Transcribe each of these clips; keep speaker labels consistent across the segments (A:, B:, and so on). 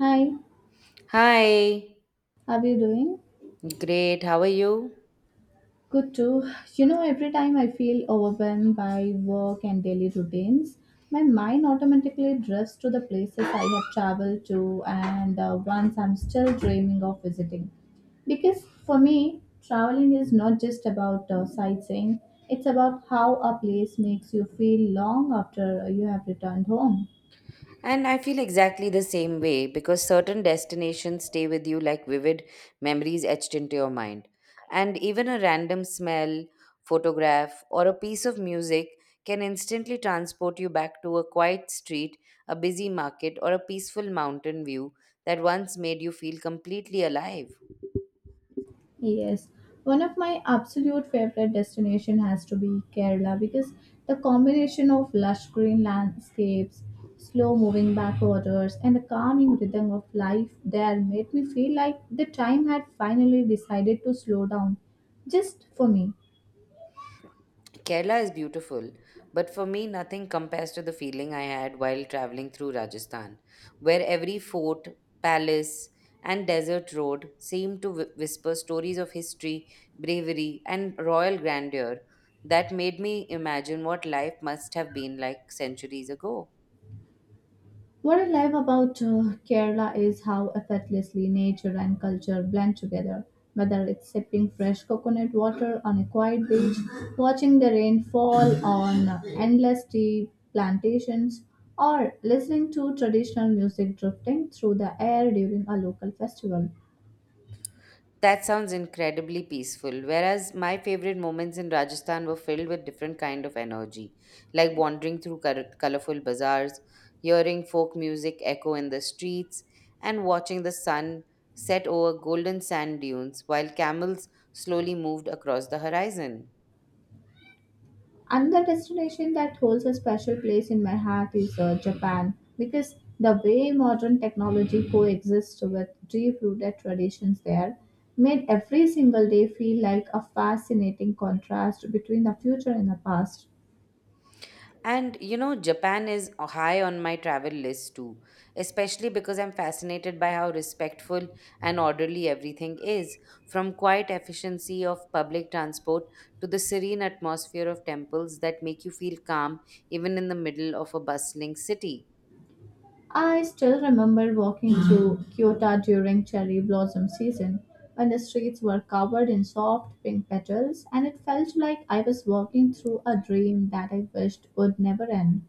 A: Hi,
B: Hi,
A: how are you doing?
B: great, how are you?
A: Good too. You know, every time I feel overwhelmed by work and daily routines, my mind automatically drifts to the places I have traveled to and ones I'm still dreaming of visiting. Because for me, traveling is not just about sightseeing, it's about how a place makes you feel long after you have returned home.
B: And I feel exactly the same way because certain destinations stay with you like vivid memories etched into your mind. And even a random smell, photograph, or a piece of music can instantly transport you back to a quiet street, a busy market, or a peaceful mountain view that once made you feel completely alive.
A: Yes, one of my absolute favorite destination has to be Kerala because the combination of lush green landscapes, slow moving backwaters, and the calming rhythm of life there made me feel like the time had finally decided to slow down just for me.
B: Kerala is beautiful, but for me, nothing compares to the feeling I had while traveling through Rajasthan, where every fort, palace, and desert road seemed to whisper stories of history, bravery, and royal grandeur that made me imagine what life must have been like centuries ago.
A: What I love about Kerala is how effortlessly nature and culture blend together. Whether it's sipping fresh coconut water on a quiet beach, watching the rain fall on endless tea plantations, or listening to traditional music drifting through the air during a local festival,
B: That sounds incredibly peaceful. Whereas my favorite moments in Rajasthan were filled with different kind of energy, like wandering through colorful bazaars, hearing folk music echo in the streets, and watching the sun set over golden sand dunes while camels slowly moved across the horizon.
A: another destination that holds a special place in my heart is Japan, because the way modern technology coexists with deep rooted traditions there made every single day feel like a fascinating contrast between the future and the past.
B: And you know, Japan is high on my travel list too, especially because I'm fascinated by how respectful and orderly everything is, from quiet efficiency of public transport to the serene atmosphere of temples that make you feel calm even in the middle of a bustling city.
A: I still remember walking through Kyoto during cherry blossom season when the streets were covered in soft pink petals and it felt like I was walking through a dream that I wished would never end.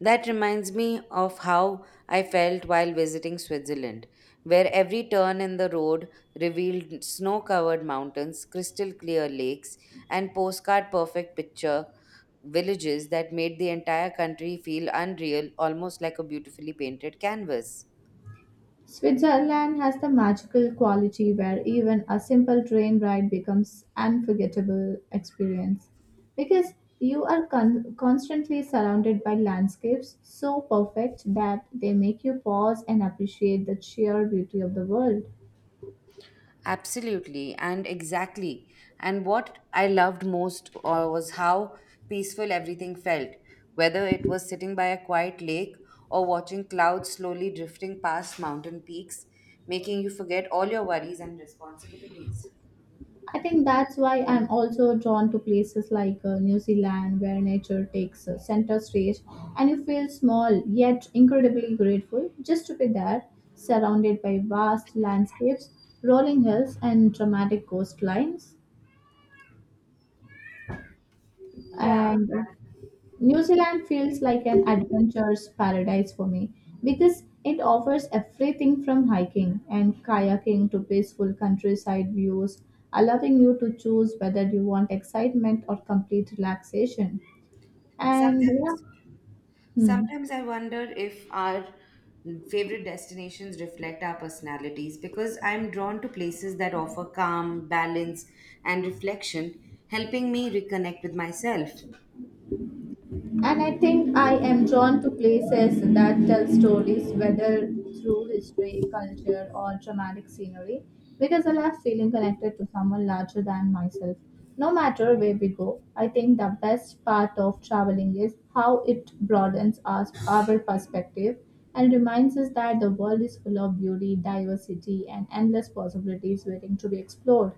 B: That reminds me of how I felt while visiting Switzerland, where every turn in the road revealed snow covered mountains, crystal clear lakes, and postcard perfect picture villages that made the entire country feel unreal, almost like a beautifully painted canvas.
A: Switzerland has the magical quality where even a simple train ride becomes unforgettable experience because you are constantly surrounded by landscapes so perfect that they make you pause and appreciate the sheer beauty of the world.
B: Absolutely, and exactly. And what I loved most was how peaceful everything felt, whether it was sitting by a quiet lake or watching clouds slowly drifting past mountain peaks, making you forget all your worries and responsibilities.
A: I think that's why I'm also drawn to places like New Zealand, where nature takes center stage and you feel small yet incredibly grateful just to be there, surrounded by vast landscapes, rolling hills, and dramatic coastlines.
B: Yeah.
A: And New Zealand feels like an adventure's paradise for me because it offers everything from hiking and kayaking to peaceful countryside views, allowing you to choose whether you want excitement or complete relaxation. And yeah.
B: Sometimes
A: Hmm.
B: Sometimes I wonder if our favorite destinations reflect our personalities because I'm drawn to places that offer calm, balance, and reflection, helping me reconnect with myself.
A: And I think I am drawn to places that tell stories, whether through history, culture, or dramatic scenery, because I love feeling connected to someone larger than myself. No matter where we go, I think the best part of traveling is how it broadens us, our perspective, and reminds us that the world is full of beauty, diversity, and endless possibilities waiting to be explored.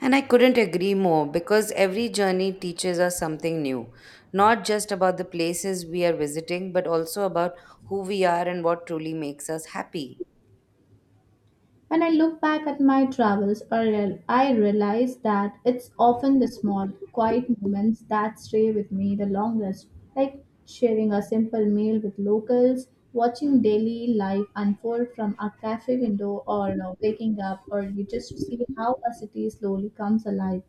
B: And I couldn't agree more because every journey teaches us something new, not just about the places we are visiting, but also about who we are and what truly makes us happy.
A: When I look back at my travels, I realize that it's often the small, quiet moments that stay with me the longest, like sharing a simple meal with locals, watching daily life unfold from a cafe window, or waking up early just to see how a city slowly comes alive.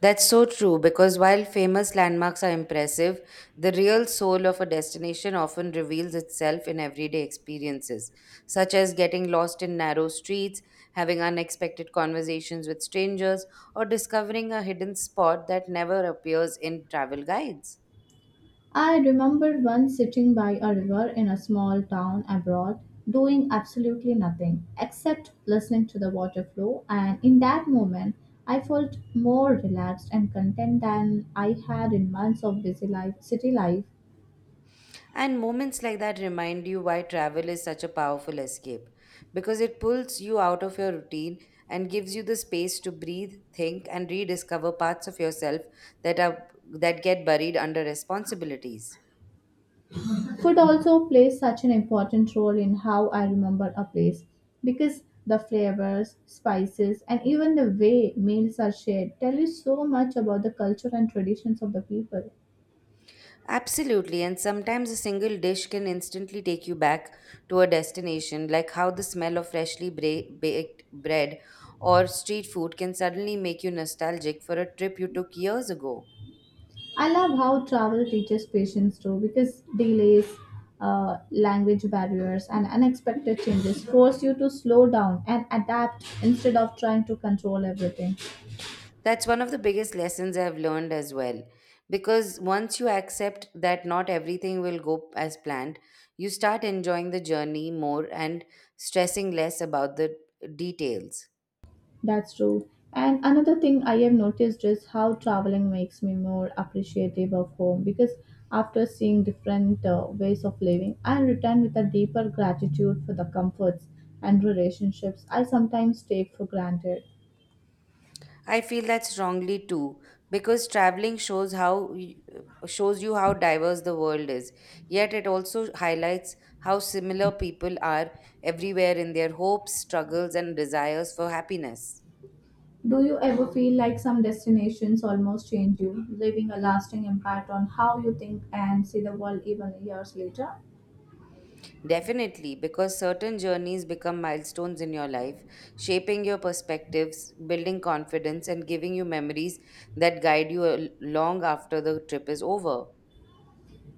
B: That's so true because while famous landmarks are impressive, the real soul of a destination often reveals itself in everyday experiences, such as getting lost in narrow streets, having unexpected conversations with strangers, or discovering a hidden spot that never appears in travel guides.
A: I remember once sitting by a river in a small town abroad, doing absolutely nothing except listening to the water flow, and in that moment, I felt more relaxed and content than I had in months of busy life, city life.
B: And moments like that remind you why travel is such a powerful escape because it pulls you out of your routine and gives you the space to breathe, think and rediscover parts of yourself that are that get buried under responsibilities.
A: Food also plays such an important role in how I remember a place because the flavors, spices, and even the way meals are shared tell you so much about the culture and traditions of the people.
B: Absolutely, and sometimes a single dish can instantly take you back to a destination, like how the smell of freshly baked bread or street food can suddenly make you nostalgic for a trip you took years ago.
A: I love how travel teaches patience too because delays, language barriers, and unexpected changes force you to slow down and adapt instead of trying to control everything.
B: That's one of the biggest lessons I've learned as well. Because once you accept that not everything will go as planned, you start enjoying the journey more and stressing less about the details.
A: That's true. And another thing I have noticed is how traveling makes me more appreciative of home because after seeing different ways of living, I return with a deeper gratitude for the comforts and relationships I sometimes take for granted.
B: I feel that strongly too because traveling shows shows you how diverse the world is. Yet it also highlights how similar people are everywhere in their hopes, struggles and desires for happiness.
A: Do you ever feel like some destinations almost change you, leaving a lasting impact on how you think and see the world even years later?
B: Definitely, because certain journeys become milestones in your life, shaping your perspectives, building confidence, and giving you memories that guide you long after the trip is over.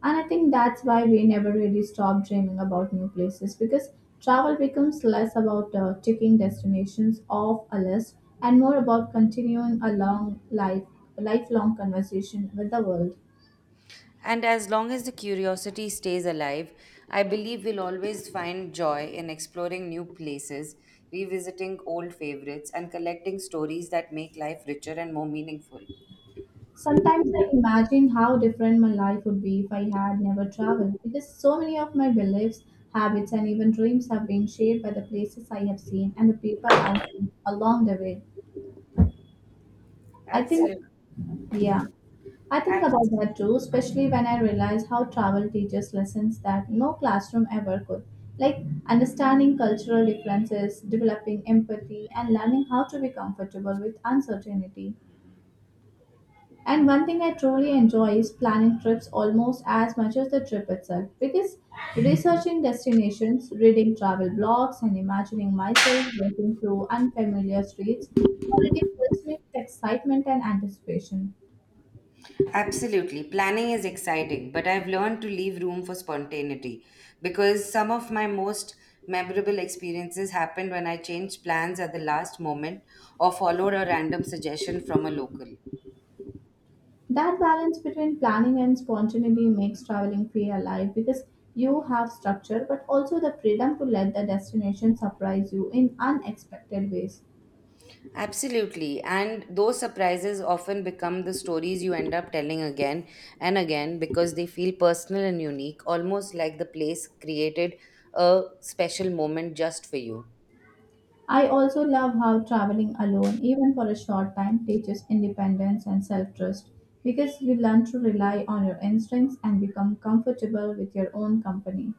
A: And I think that's why we never really stop dreaming about new places because travel becomes less about ticking destinations off a list and more about continuing a long life lifelong conversation with the world.
B: And as long as the curiosity stays alive, I believe we'll always find joy in exploring new places, revisiting old favorites, and collecting stories that make life richer and more meaningful.
A: Sometimes I imagine how different my life would be if I had never traveled, because so many of my beliefs, habits, and even dreams have been shaped by the places I have seen and the people I met along the way. I think,
B: Absolutely.
A: yeah, I think about
B: Absolutely.
A: that too, especially when I realize how travel teaches lessons that no classroom ever could, like understanding cultural differences, developing empathy, and learning how to be comfortable with uncertainty. And one thing I truly enjoy is planning trips almost as much as the trip itself because researching destinations, reading travel blogs, and imagining myself walking through unfamiliar streets already fills me with excitement and anticipation.
B: Absolutely. Planning is exciting, but I've learned to leave room for spontaneity because some of my most memorable experiences happened when I changed plans at the last moment or followed a random suggestion from a local.
A: That balance between planning and spontaneity makes traveling feel alive because you have structure but also the freedom to let the destination surprise you in unexpected ways.
B: Absolutely. And those surprises often become the stories you end up telling again and again because they feel personal and unique, almost like the place created a special moment just for you.
A: I also love how traveling alone, even for a short time, teaches independence and self trust because you learn to rely on your instincts and become comfortable with your own company.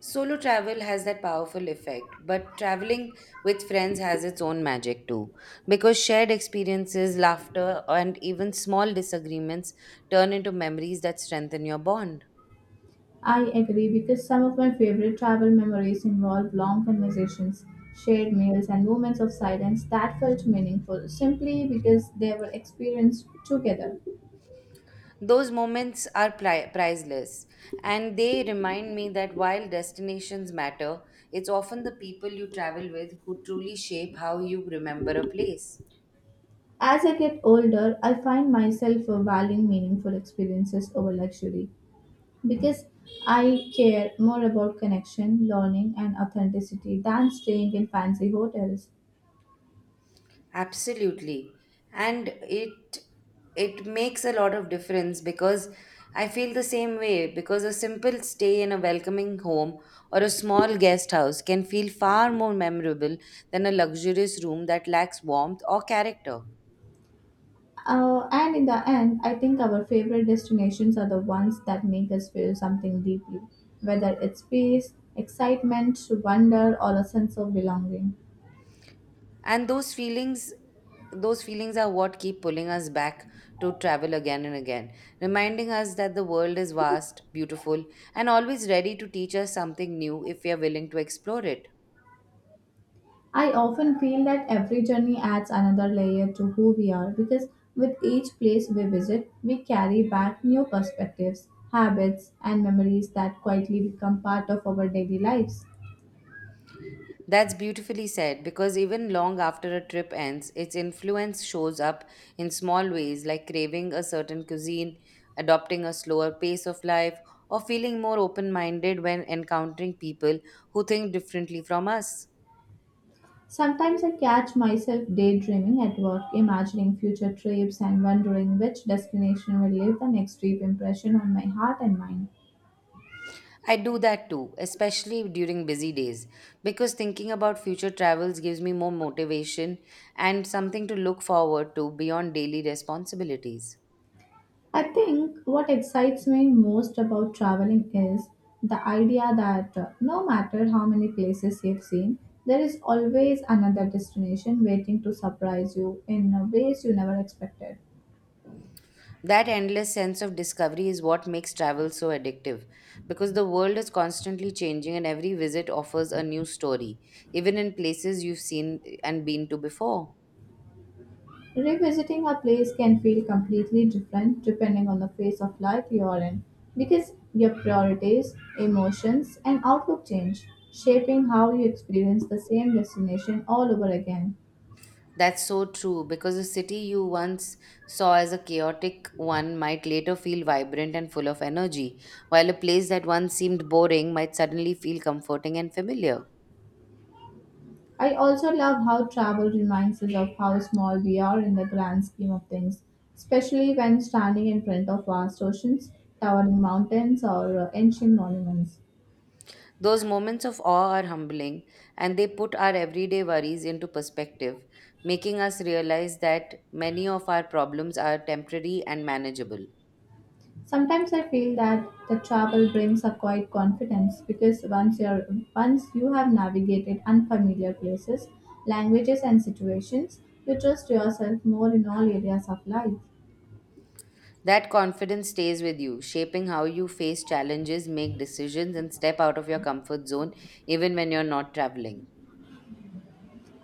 B: Solo travel has that powerful effect, but traveling with friends has its own magic too. Because shared experiences, laughter, and even small disagreements turn into memories that strengthen your bond.
A: I agree because some of my favorite travel memories involve long conversations, shared meals, and moments of silence that felt meaningful simply because they were experienced together.
B: Those moments are priceless, and they remind me that while destinations matter, it's often the people you travel with who truly shape how you remember a place.
A: As I get older, I find myself valuing meaningful experiences over luxury because I care more about connection, learning, and authenticity than staying in fancy hotels.
B: Absolutely. And it makes a lot of difference because I feel the same way because a simple stay in a welcoming home or a small guest house can feel far more memorable than a luxurious room that lacks warmth or character.
A: And in the end, I think our favorite destinations are the ones that make us feel something deeply, whether it's peace, excitement, wonder, or a sense of belonging.
B: And those feelings are what keep pulling us back to travel again and again, reminding us that the world is vast, beautiful, and always ready to teach us something new if we are willing to explore it.
A: I often feel that every journey adds another layer to who we are because with each place we visit, we carry back new perspectives, habits, and memories that quietly become part of our daily lives.
B: That's beautifully said because even long after a trip ends, its influence shows up in small ways like craving a certain cuisine, adopting a slower pace of life, or feeling more open minded when encountering people who think differently from us.
A: Sometimes I catch myself daydreaming at work, imagining future trips and wondering which destination will leave the next deep impression on my heart and mind.
B: I do that too, especially during busy days, because thinking about future travels gives me more motivation and something to look forward to beyond daily responsibilities.
A: I think what excites me most about traveling is the idea that, no matter how many places you've seen, there is always another destination waiting to surprise you in ways you never expected.
B: That endless sense of discovery is what makes travel so addictive because the world is constantly changing and every visit offers a new story, even in places you've seen and been to before.
A: Revisiting a place can feel completely different depending on the phase of life you're in because your priorities, emotions, and outlook change, shaping how you experience the same destination all over again.
B: That's so true because a city you once saw as a chaotic one might later feel vibrant and full of energy, while a place that once seemed boring might suddenly feel comforting and familiar.
A: I also love how travel reminds us of how small we are in the grand scheme of things, especially when standing in front of vast oceans, towering mountains, or ancient monuments.
B: Those moments of awe are humbling and they put our everyday worries into perspective, making us realize that many of our problems are temporary and manageable.
A: Sometimes I feel that the travel brings a quiet confidence because once you have navigated unfamiliar places, languages and situations, you trust yourself more in all areas of life.
B: That confidence stays with you, shaping how you face challenges, make decisions, and step out of your comfort zone even when you're not traveling.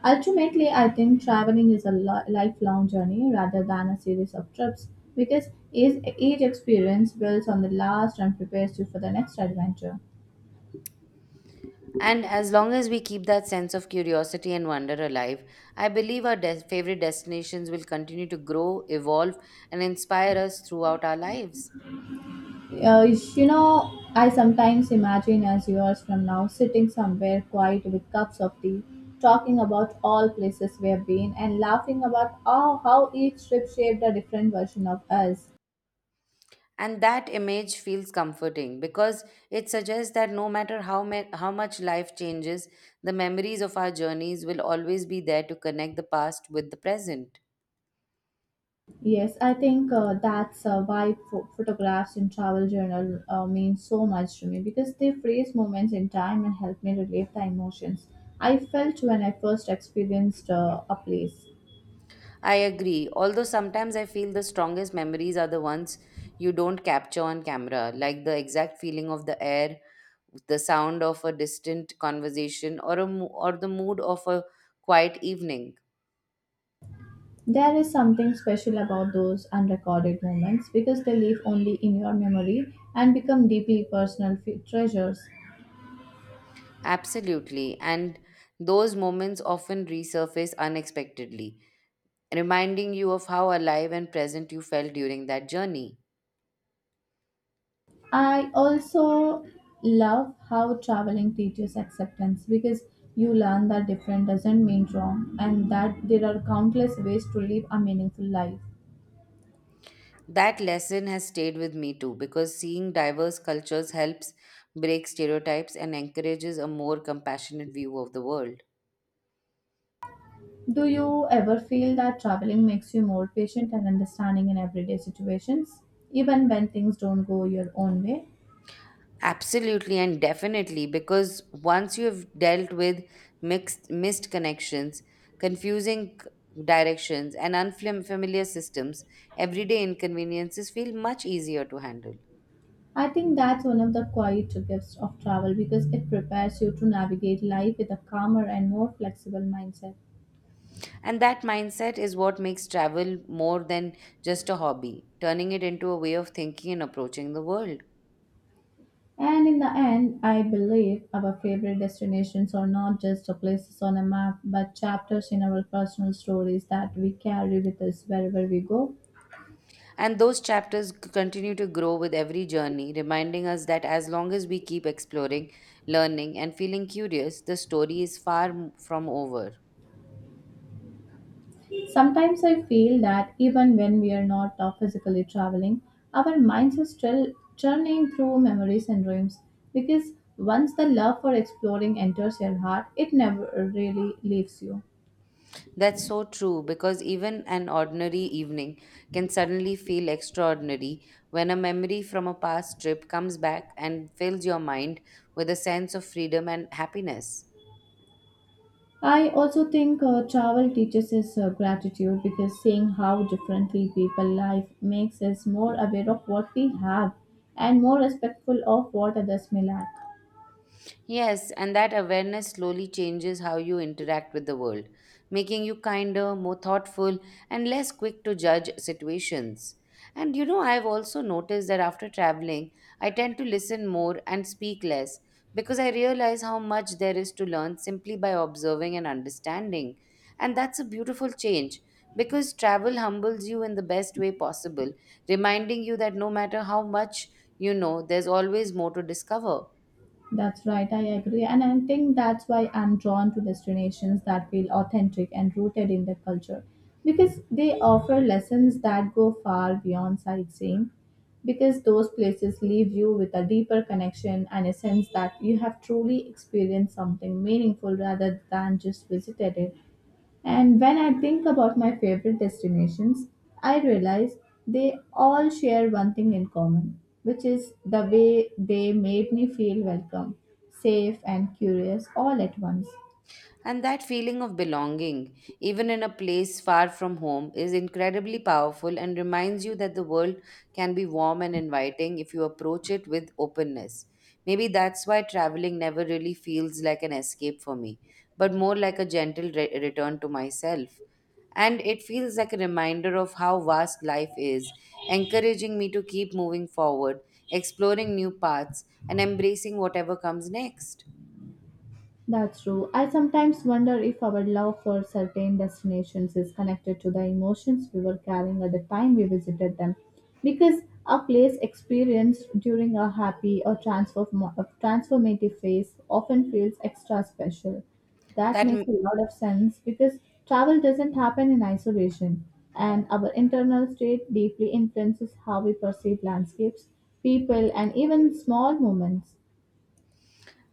A: Ultimately, I think traveling is a lifelong journey rather than a series of trips because each experience builds on the last and prepares you for the next adventure.
B: And as long as we keep that sense of curiosity and wonder alive, I believe our favorite destinations will continue to grow, evolve, and inspire us throughout our lives.
A: Uh, you know, I sometimes imagine us years from now sitting somewhere quiet with cups of tea, talking about all places we have been and laughing about oh, how each trip shaped a different version of us.
B: And that image feels comforting because it suggests that no matter how much life changes, the memories of our journeys will always be there to connect the past with the present.
A: Yes, I think that's why photographs in travel journal mean so much to me because they freeze moments in time and help me relieve the emotions I felt when I first experienced a place.
B: I agree, although sometimes I feel the strongest memories are the ones you don't capture on camera, like the exact feeling of the air, the sound of a distant conversation, or the mood of a quiet evening.
A: There is something special about those unrecorded moments because they live only in your memory and become deeply personal treasures.
B: Absolutely, and those moments often resurface unexpectedly reminding you of how alive and present you felt during that journey.
A: I also love how traveling teaches acceptance because you learn that different doesn't mean wrong and that there are countless ways to live a meaningful life.
B: That lesson has stayed with me too because seeing diverse cultures helps break stereotypes and encourages a more compassionate view of the world.
A: Do you ever feel that traveling makes you more patient and understanding in everyday situations, even when things don't go your own way?
B: Absolutely and definitely, because once you have dealt with mixed missed connections, confusing c- directions, and unfamiliar systems, everyday inconveniences feel much easier to handle.
A: I think that's one of the quiet gifts of travel because it prepares you to navigate life with a calmer and more flexible mindset.
B: And that mindset is what makes travel more than just a hobby, turning it into a way of thinking and approaching the world.
A: And in the end, I believe our favorite destinations are not just places on a map, but chapters in our personal stories that we carry with us wherever we go.
B: And those continue to grow with every journey, reminding us that as long as we keep exploring, learning, and feeling curious, the story is from over.
A: Sometimes I feel that even when we are not physically traveling, our minds are still churning through memories and dreams because once the love for exploring enters your heart, it never really leaves you.
B: That's so true because even an ordinary evening can suddenly feel extraordinary when a memory from a past trip comes back and fills your mind with a sense of freedom and happiness.
A: I also think travel teaches us gratitude because seeing how differently people live makes us more aware of what we have and more respectful of what others may lack.
B: Yes, and that awareness slowly changes how you interact with the world, making you kinder, more thoughtful, and less quick to judge situations. And you know, I've also noticed that after traveling, I tend to listen more and speak less because I realize how much there is to learn simply by observing and understanding. And that's a beautiful change because travel humbles you in the best way possible, reminding you that no matter how much you know, there's always more to discover.
A: That's right, I agree. And I think that's why I'm drawn to destinations that feel authentic and rooted in their culture because they offer lessons that go far beyond sightseeing. Because those places leave you with a deeper connection and a sense that you have truly experienced something meaningful rather than just visited it. And when I think about my favorite destinations, I realize they all share one thing in common, which is the way they made me feel welcome, safe, and curious all at once.
B: And that feeling of belonging, even in a place far from home, is incredibly powerful and reminds you that the world can be warm and inviting if you approach it with openness. Maybe that's why traveling never really feels like an escape for me, but more like a gentle return to myself. And it feels like a reminder of how vast life is, encouraging me to keep moving forward, exploring new paths, and embracing whatever comes next.
A: That's true. I sometimes wonder if our love for certain destinations is connected to the emotions we were carrying at the time we visited them. Because a place experienced during a happy or a transformative phase often feels extra special. That
B: That
A: makes a lot of sense because travel doesn't happen in isolation, and our internal state deeply influences how we perceive landscapes, people, and even small moments.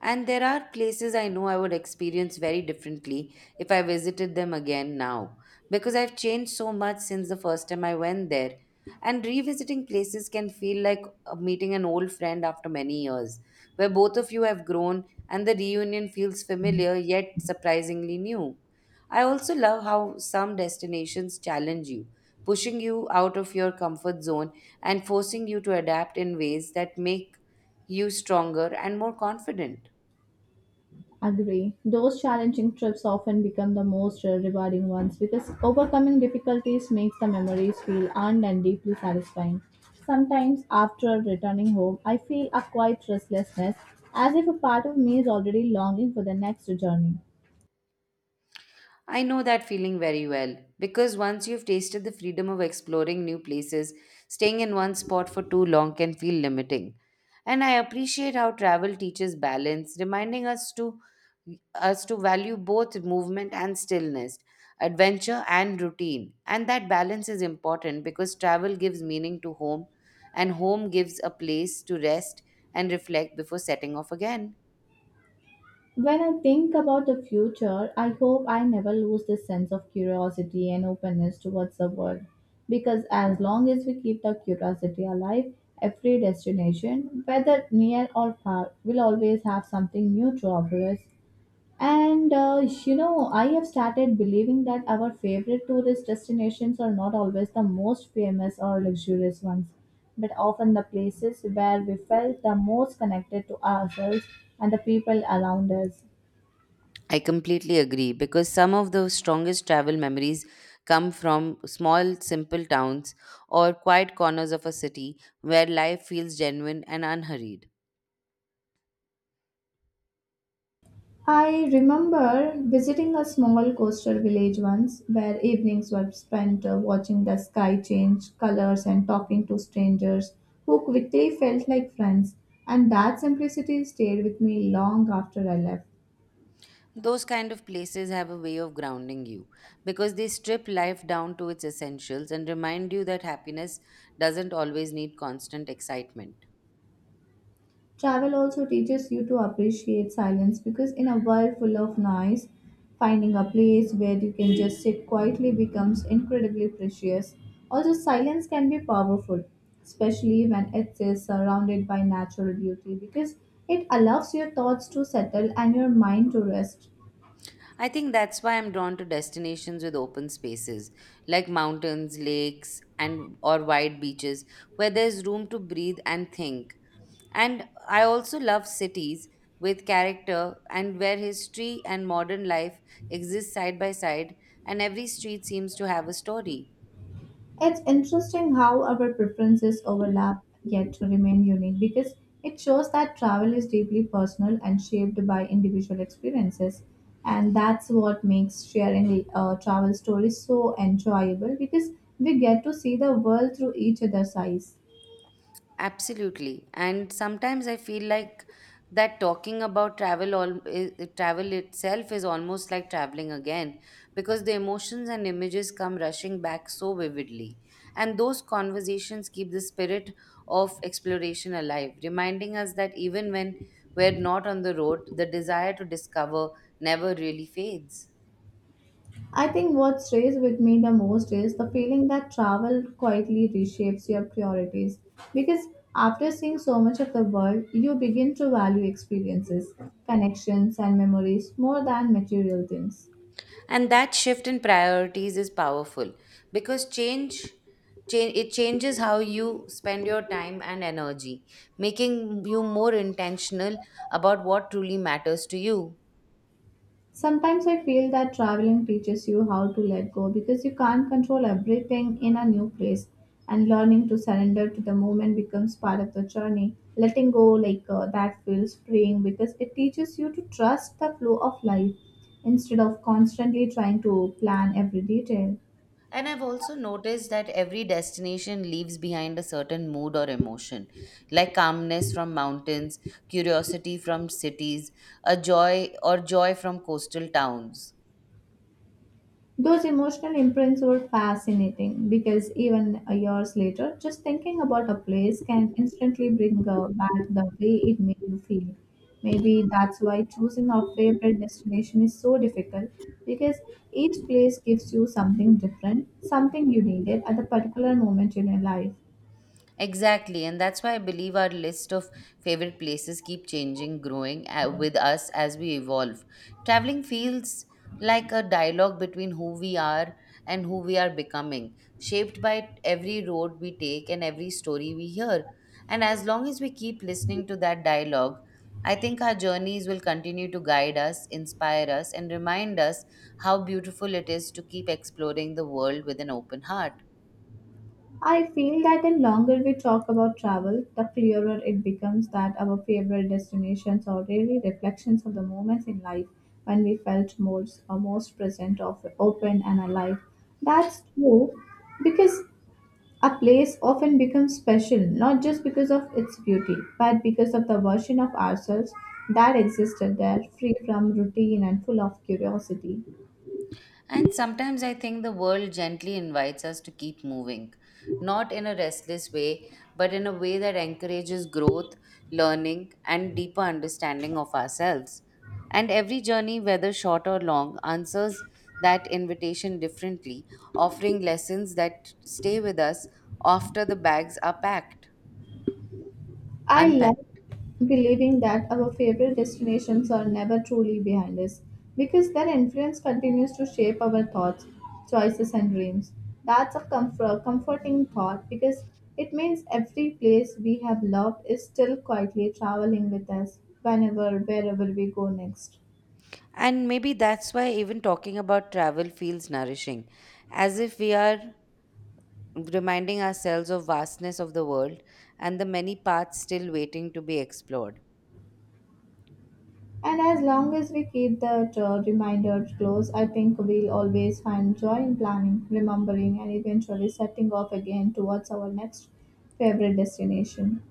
B: And there are places I know I would experience very differently if I visited them again now, because I've changed so much since the first time I went there. And revisiting places can feel like meeting an old friend after many years, where both of you have grown and the reunion feels familiar yet surprisingly new. I also love how some destinations challenge you, pushing you out of your comfort zone and forcing you to adapt in ways that make you stronger and more confident.
A: Agree. Those challenging trips often become the most rewarding ones because overcoming difficulties makes the memories feel earned and deeply satisfying. Sometimes, after returning home, I feel a quiet restlessness as if a part of me is already longing for the next journey.
B: I know that feeling very well because once you've tasted the freedom of exploring new places, staying in one spot for too long can feel limiting. And I appreciate how travel teaches balance, reminding us to value both movement and stillness, adventure and routine. And that balance is important because travel gives meaning to home and home gives a place to rest and reflect before setting off again.
A: When I think about the future, I hope I never lose this sense of curiosity and openness towards the world. Because as long as we keep the curiosity alive, every destination, whether near or far, will always have something new to offer us. And I have started believing that our favorite tourist destinations are not always the most famous or luxurious ones, but often the places where we felt the most connected to ourselves and the people around us.
B: I completely agree because some of the strongest travel memories come from small, simple towns or quiet corners of a city where life feels genuine and unhurried.
A: I remember visiting a small coastal village once where evenings were spent watching the sky change colors and talking to strangers who quickly felt like friends, and that simplicity stayed with me long after I left.
B: Those kind of places have a way of grounding you because they strip life down to its essentials and remind you that happiness doesn't always need constant excitement.
A: Travel also teaches you to appreciate silence because in a world full of noise, finding a place where you can just sit quietly becomes incredibly precious. Also, silence can be powerful, especially when it is surrounded by natural beauty because it allows your thoughts to settle and your mind to rest.
B: I think that's why I'm drawn to destinations with open spaces like mountains, lakes, and or wide beaches where there's room to breathe and think. And I also love cities with character and where history and modern life exist side by side, and every street seems to have a story.
A: It's interesting how our preferences overlap yet remain unique because it shows that travel is deeply personal and shaped by individual experiences. And that's what makes sharing travel stories so enjoyable because we get to see the world through each other's eyes.
B: Absolutely. And sometimes I feel like that talking about travel all travel itself is almost like traveling again because the emotions and images come rushing back so vividly. And those conversations keep the spirit of exploration alive, reminding us that even when we're not on the road, the desire to discover never really fades.
A: I think what stays with me the most is the feeling that travel quietly reshapes your priorities. Because after seeing so much of the world, you begin to value experiences, connections, and memories more than material things.
B: And that shift in priorities is powerful because change change it changes how you spend your time and energy, making you more intentional about what truly matters to you.
A: Sometimes I feel that traveling teaches you how to let go because you can't control everything in a new place, and learning to surrender to the moment becomes part of the journey. Letting go, like that, feels freeing because it teaches you to trust the flow of life instead of constantly trying to plan every detail.
B: And I've also noticed that every destination leaves behind a certain mood or emotion, like calmness from mountains, curiosity from cities, a joy or joy from coastal towns.
A: Those emotional imprints were fascinating because even years later, just thinking about a place can instantly bring back the way it made you feel. Maybe that's why choosing a favorite destination is so difficult because each place gives you something different, something you needed at a particular moment in your life.
B: Exactly, and that's why I believe our list of favorite places keep changing, growing with us as we evolve. Traveling feels like a dialogue between who we are and who we are becoming, shaped by every road we take and every story we hear. And as long as we keep listening to that dialogue, I think our journeys will continue to guide us, inspire us, and remind us how beautiful it is to keep exploring the world with an open heart.
A: I feel that the longer we talk about travel, the clearer it becomes that our favorite destinations are really reflections of the moments in life when we felt most or most present of open and alive. That's true because a place often becomes special not just because of its beauty, but because of the version of ourselves that existed there, free from routine and full of curiosity.
B: And sometimes I think the world gently invites us to keep moving, not in a restless way, but in a way that encourages growth, learning, and deeper understanding of ourselves. And every journey, whether short or long, answers that invitation differently, offering lessons that stay with us after the bags are packed,
A: I like
B: unpacked.
A: believing that our favorite destinations are never truly behind us because their influence continues to shape our thoughts, choices, and dreams. That's a comforting thought because it means every place we have loved is still quietly traveling with us whenever, wherever we go next.
B: And maybe that's why even talking about travel feels nourishing, as if we are reminding ourselves of vastness of the world and the many paths still waiting to be explored.
A: And as long as we keep that reminder close, I think we'll always find joy in planning, remembering, and eventually setting off again towards our next favorite destination.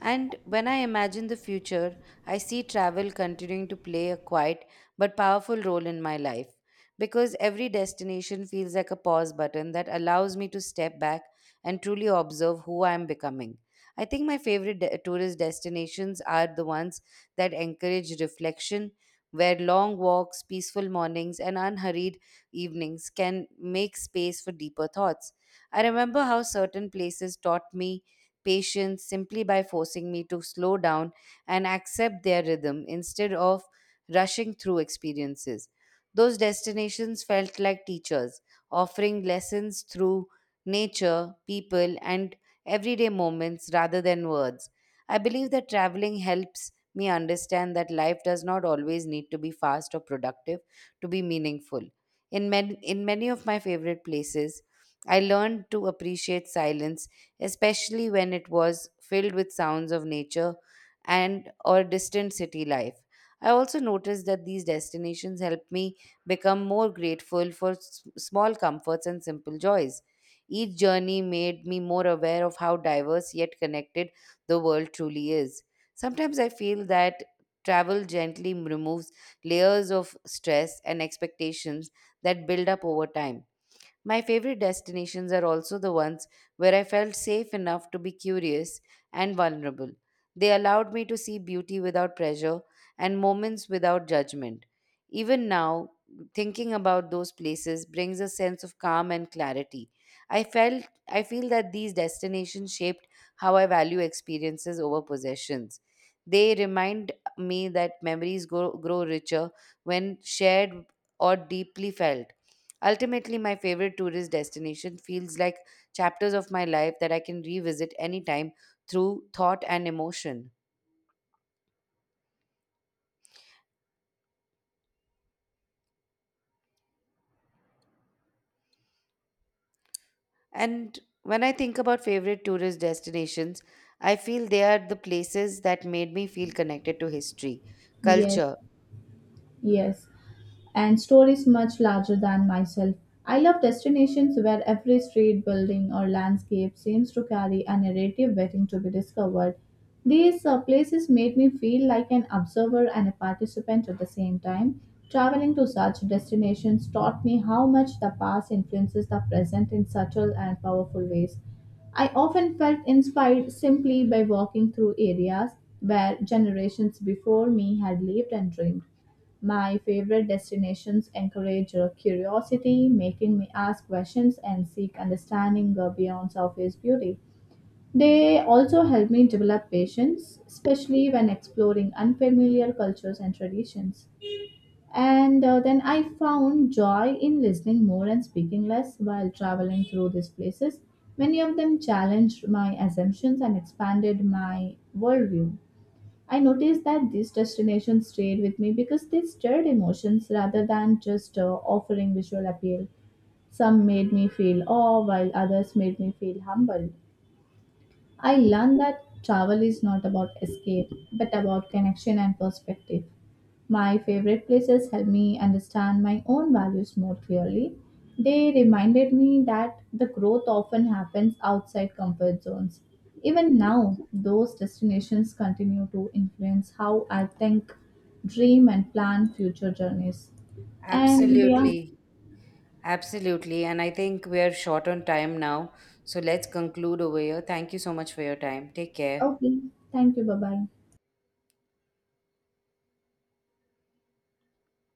B: And when I imagine the future, I see travel continuing to play a quiet but powerful role in my life because every destination feels like a pause button that allows me to step back and truly observe who I am becoming. I think my favorite tourist destinations are the ones that encourage reflection, where long walks, peaceful mornings, and unhurried evenings can make space for deeper thoughts. I remember how certain places taught me patience simply by forcing me to slow down and accept their rhythm instead of rushing through experiences. Those destinations felt like teachers, offering lessons through nature, people, and everyday moments rather than words. I believe that traveling helps me understand that life does not always need to be fast or productive to be meaningful. In many of my favorite places, I learned to appreciate silence, especially when it was filled with sounds of nature and or distant city life. I also noticed that these destinations helped me become more grateful for small comforts and simple joys. Each journey made me more aware of how diverse yet connected the world truly is. Sometimes I feel that travel gently removes layers of stress and expectations that build up over time. My favorite destinations are also the ones where I felt safe enough to be curious and vulnerable. They allowed me to see beauty without pressure and moments without judgment. Even now, thinking about those places brings a sense of calm and clarity. I felt I feel that these destinations shaped how I value experiences over possessions. They remind me that memories grow richer when shared or deeply felt. Ultimately, my favorite tourist destination feels like chapters of my life that I can revisit anytime through thought and emotion. And when I think about favorite tourist destinations, I feel they are the places that made me feel connected to history,
A: Yes,
B: culture.
A: yes, and stories much larger than myself. I love destinations where every street, building, or landscape seems to carry a narrative waiting to be discovered. These places made me feel like an observer and a participant at the same time. Traveling to such destinations taught me how much the past influences the present in subtle and powerful ways. I often felt inspired simply by walking through areas where generations before me had lived and dreamed. My favorite destinations encourage curiosity, making me ask questions and seek understanding beyond surface beauty. They also help me develop patience, especially when exploring unfamiliar cultures and traditions. And then I found joy in listening more and speaking less while traveling through these places. Many of them challenged my assumptions and expanded my worldview. I noticed that these destinations stayed with me because they stirred emotions rather than just offering visual appeal. Some made me feel awe, while others made me feel humble. I learned that travel is not about escape, but about connection and perspective. My favorite places helped me understand my own values more clearly. They reminded me that the growth often happens outside comfort zones. Even now, those destinations continue to influence how I think, dream, and plan future journeys. And yeah,
B: Absolutely. Absolutely. And I think we are short on time now. So let's conclude over here. Thank you so much for your time. Take care.
A: okay, thank you, bye bye.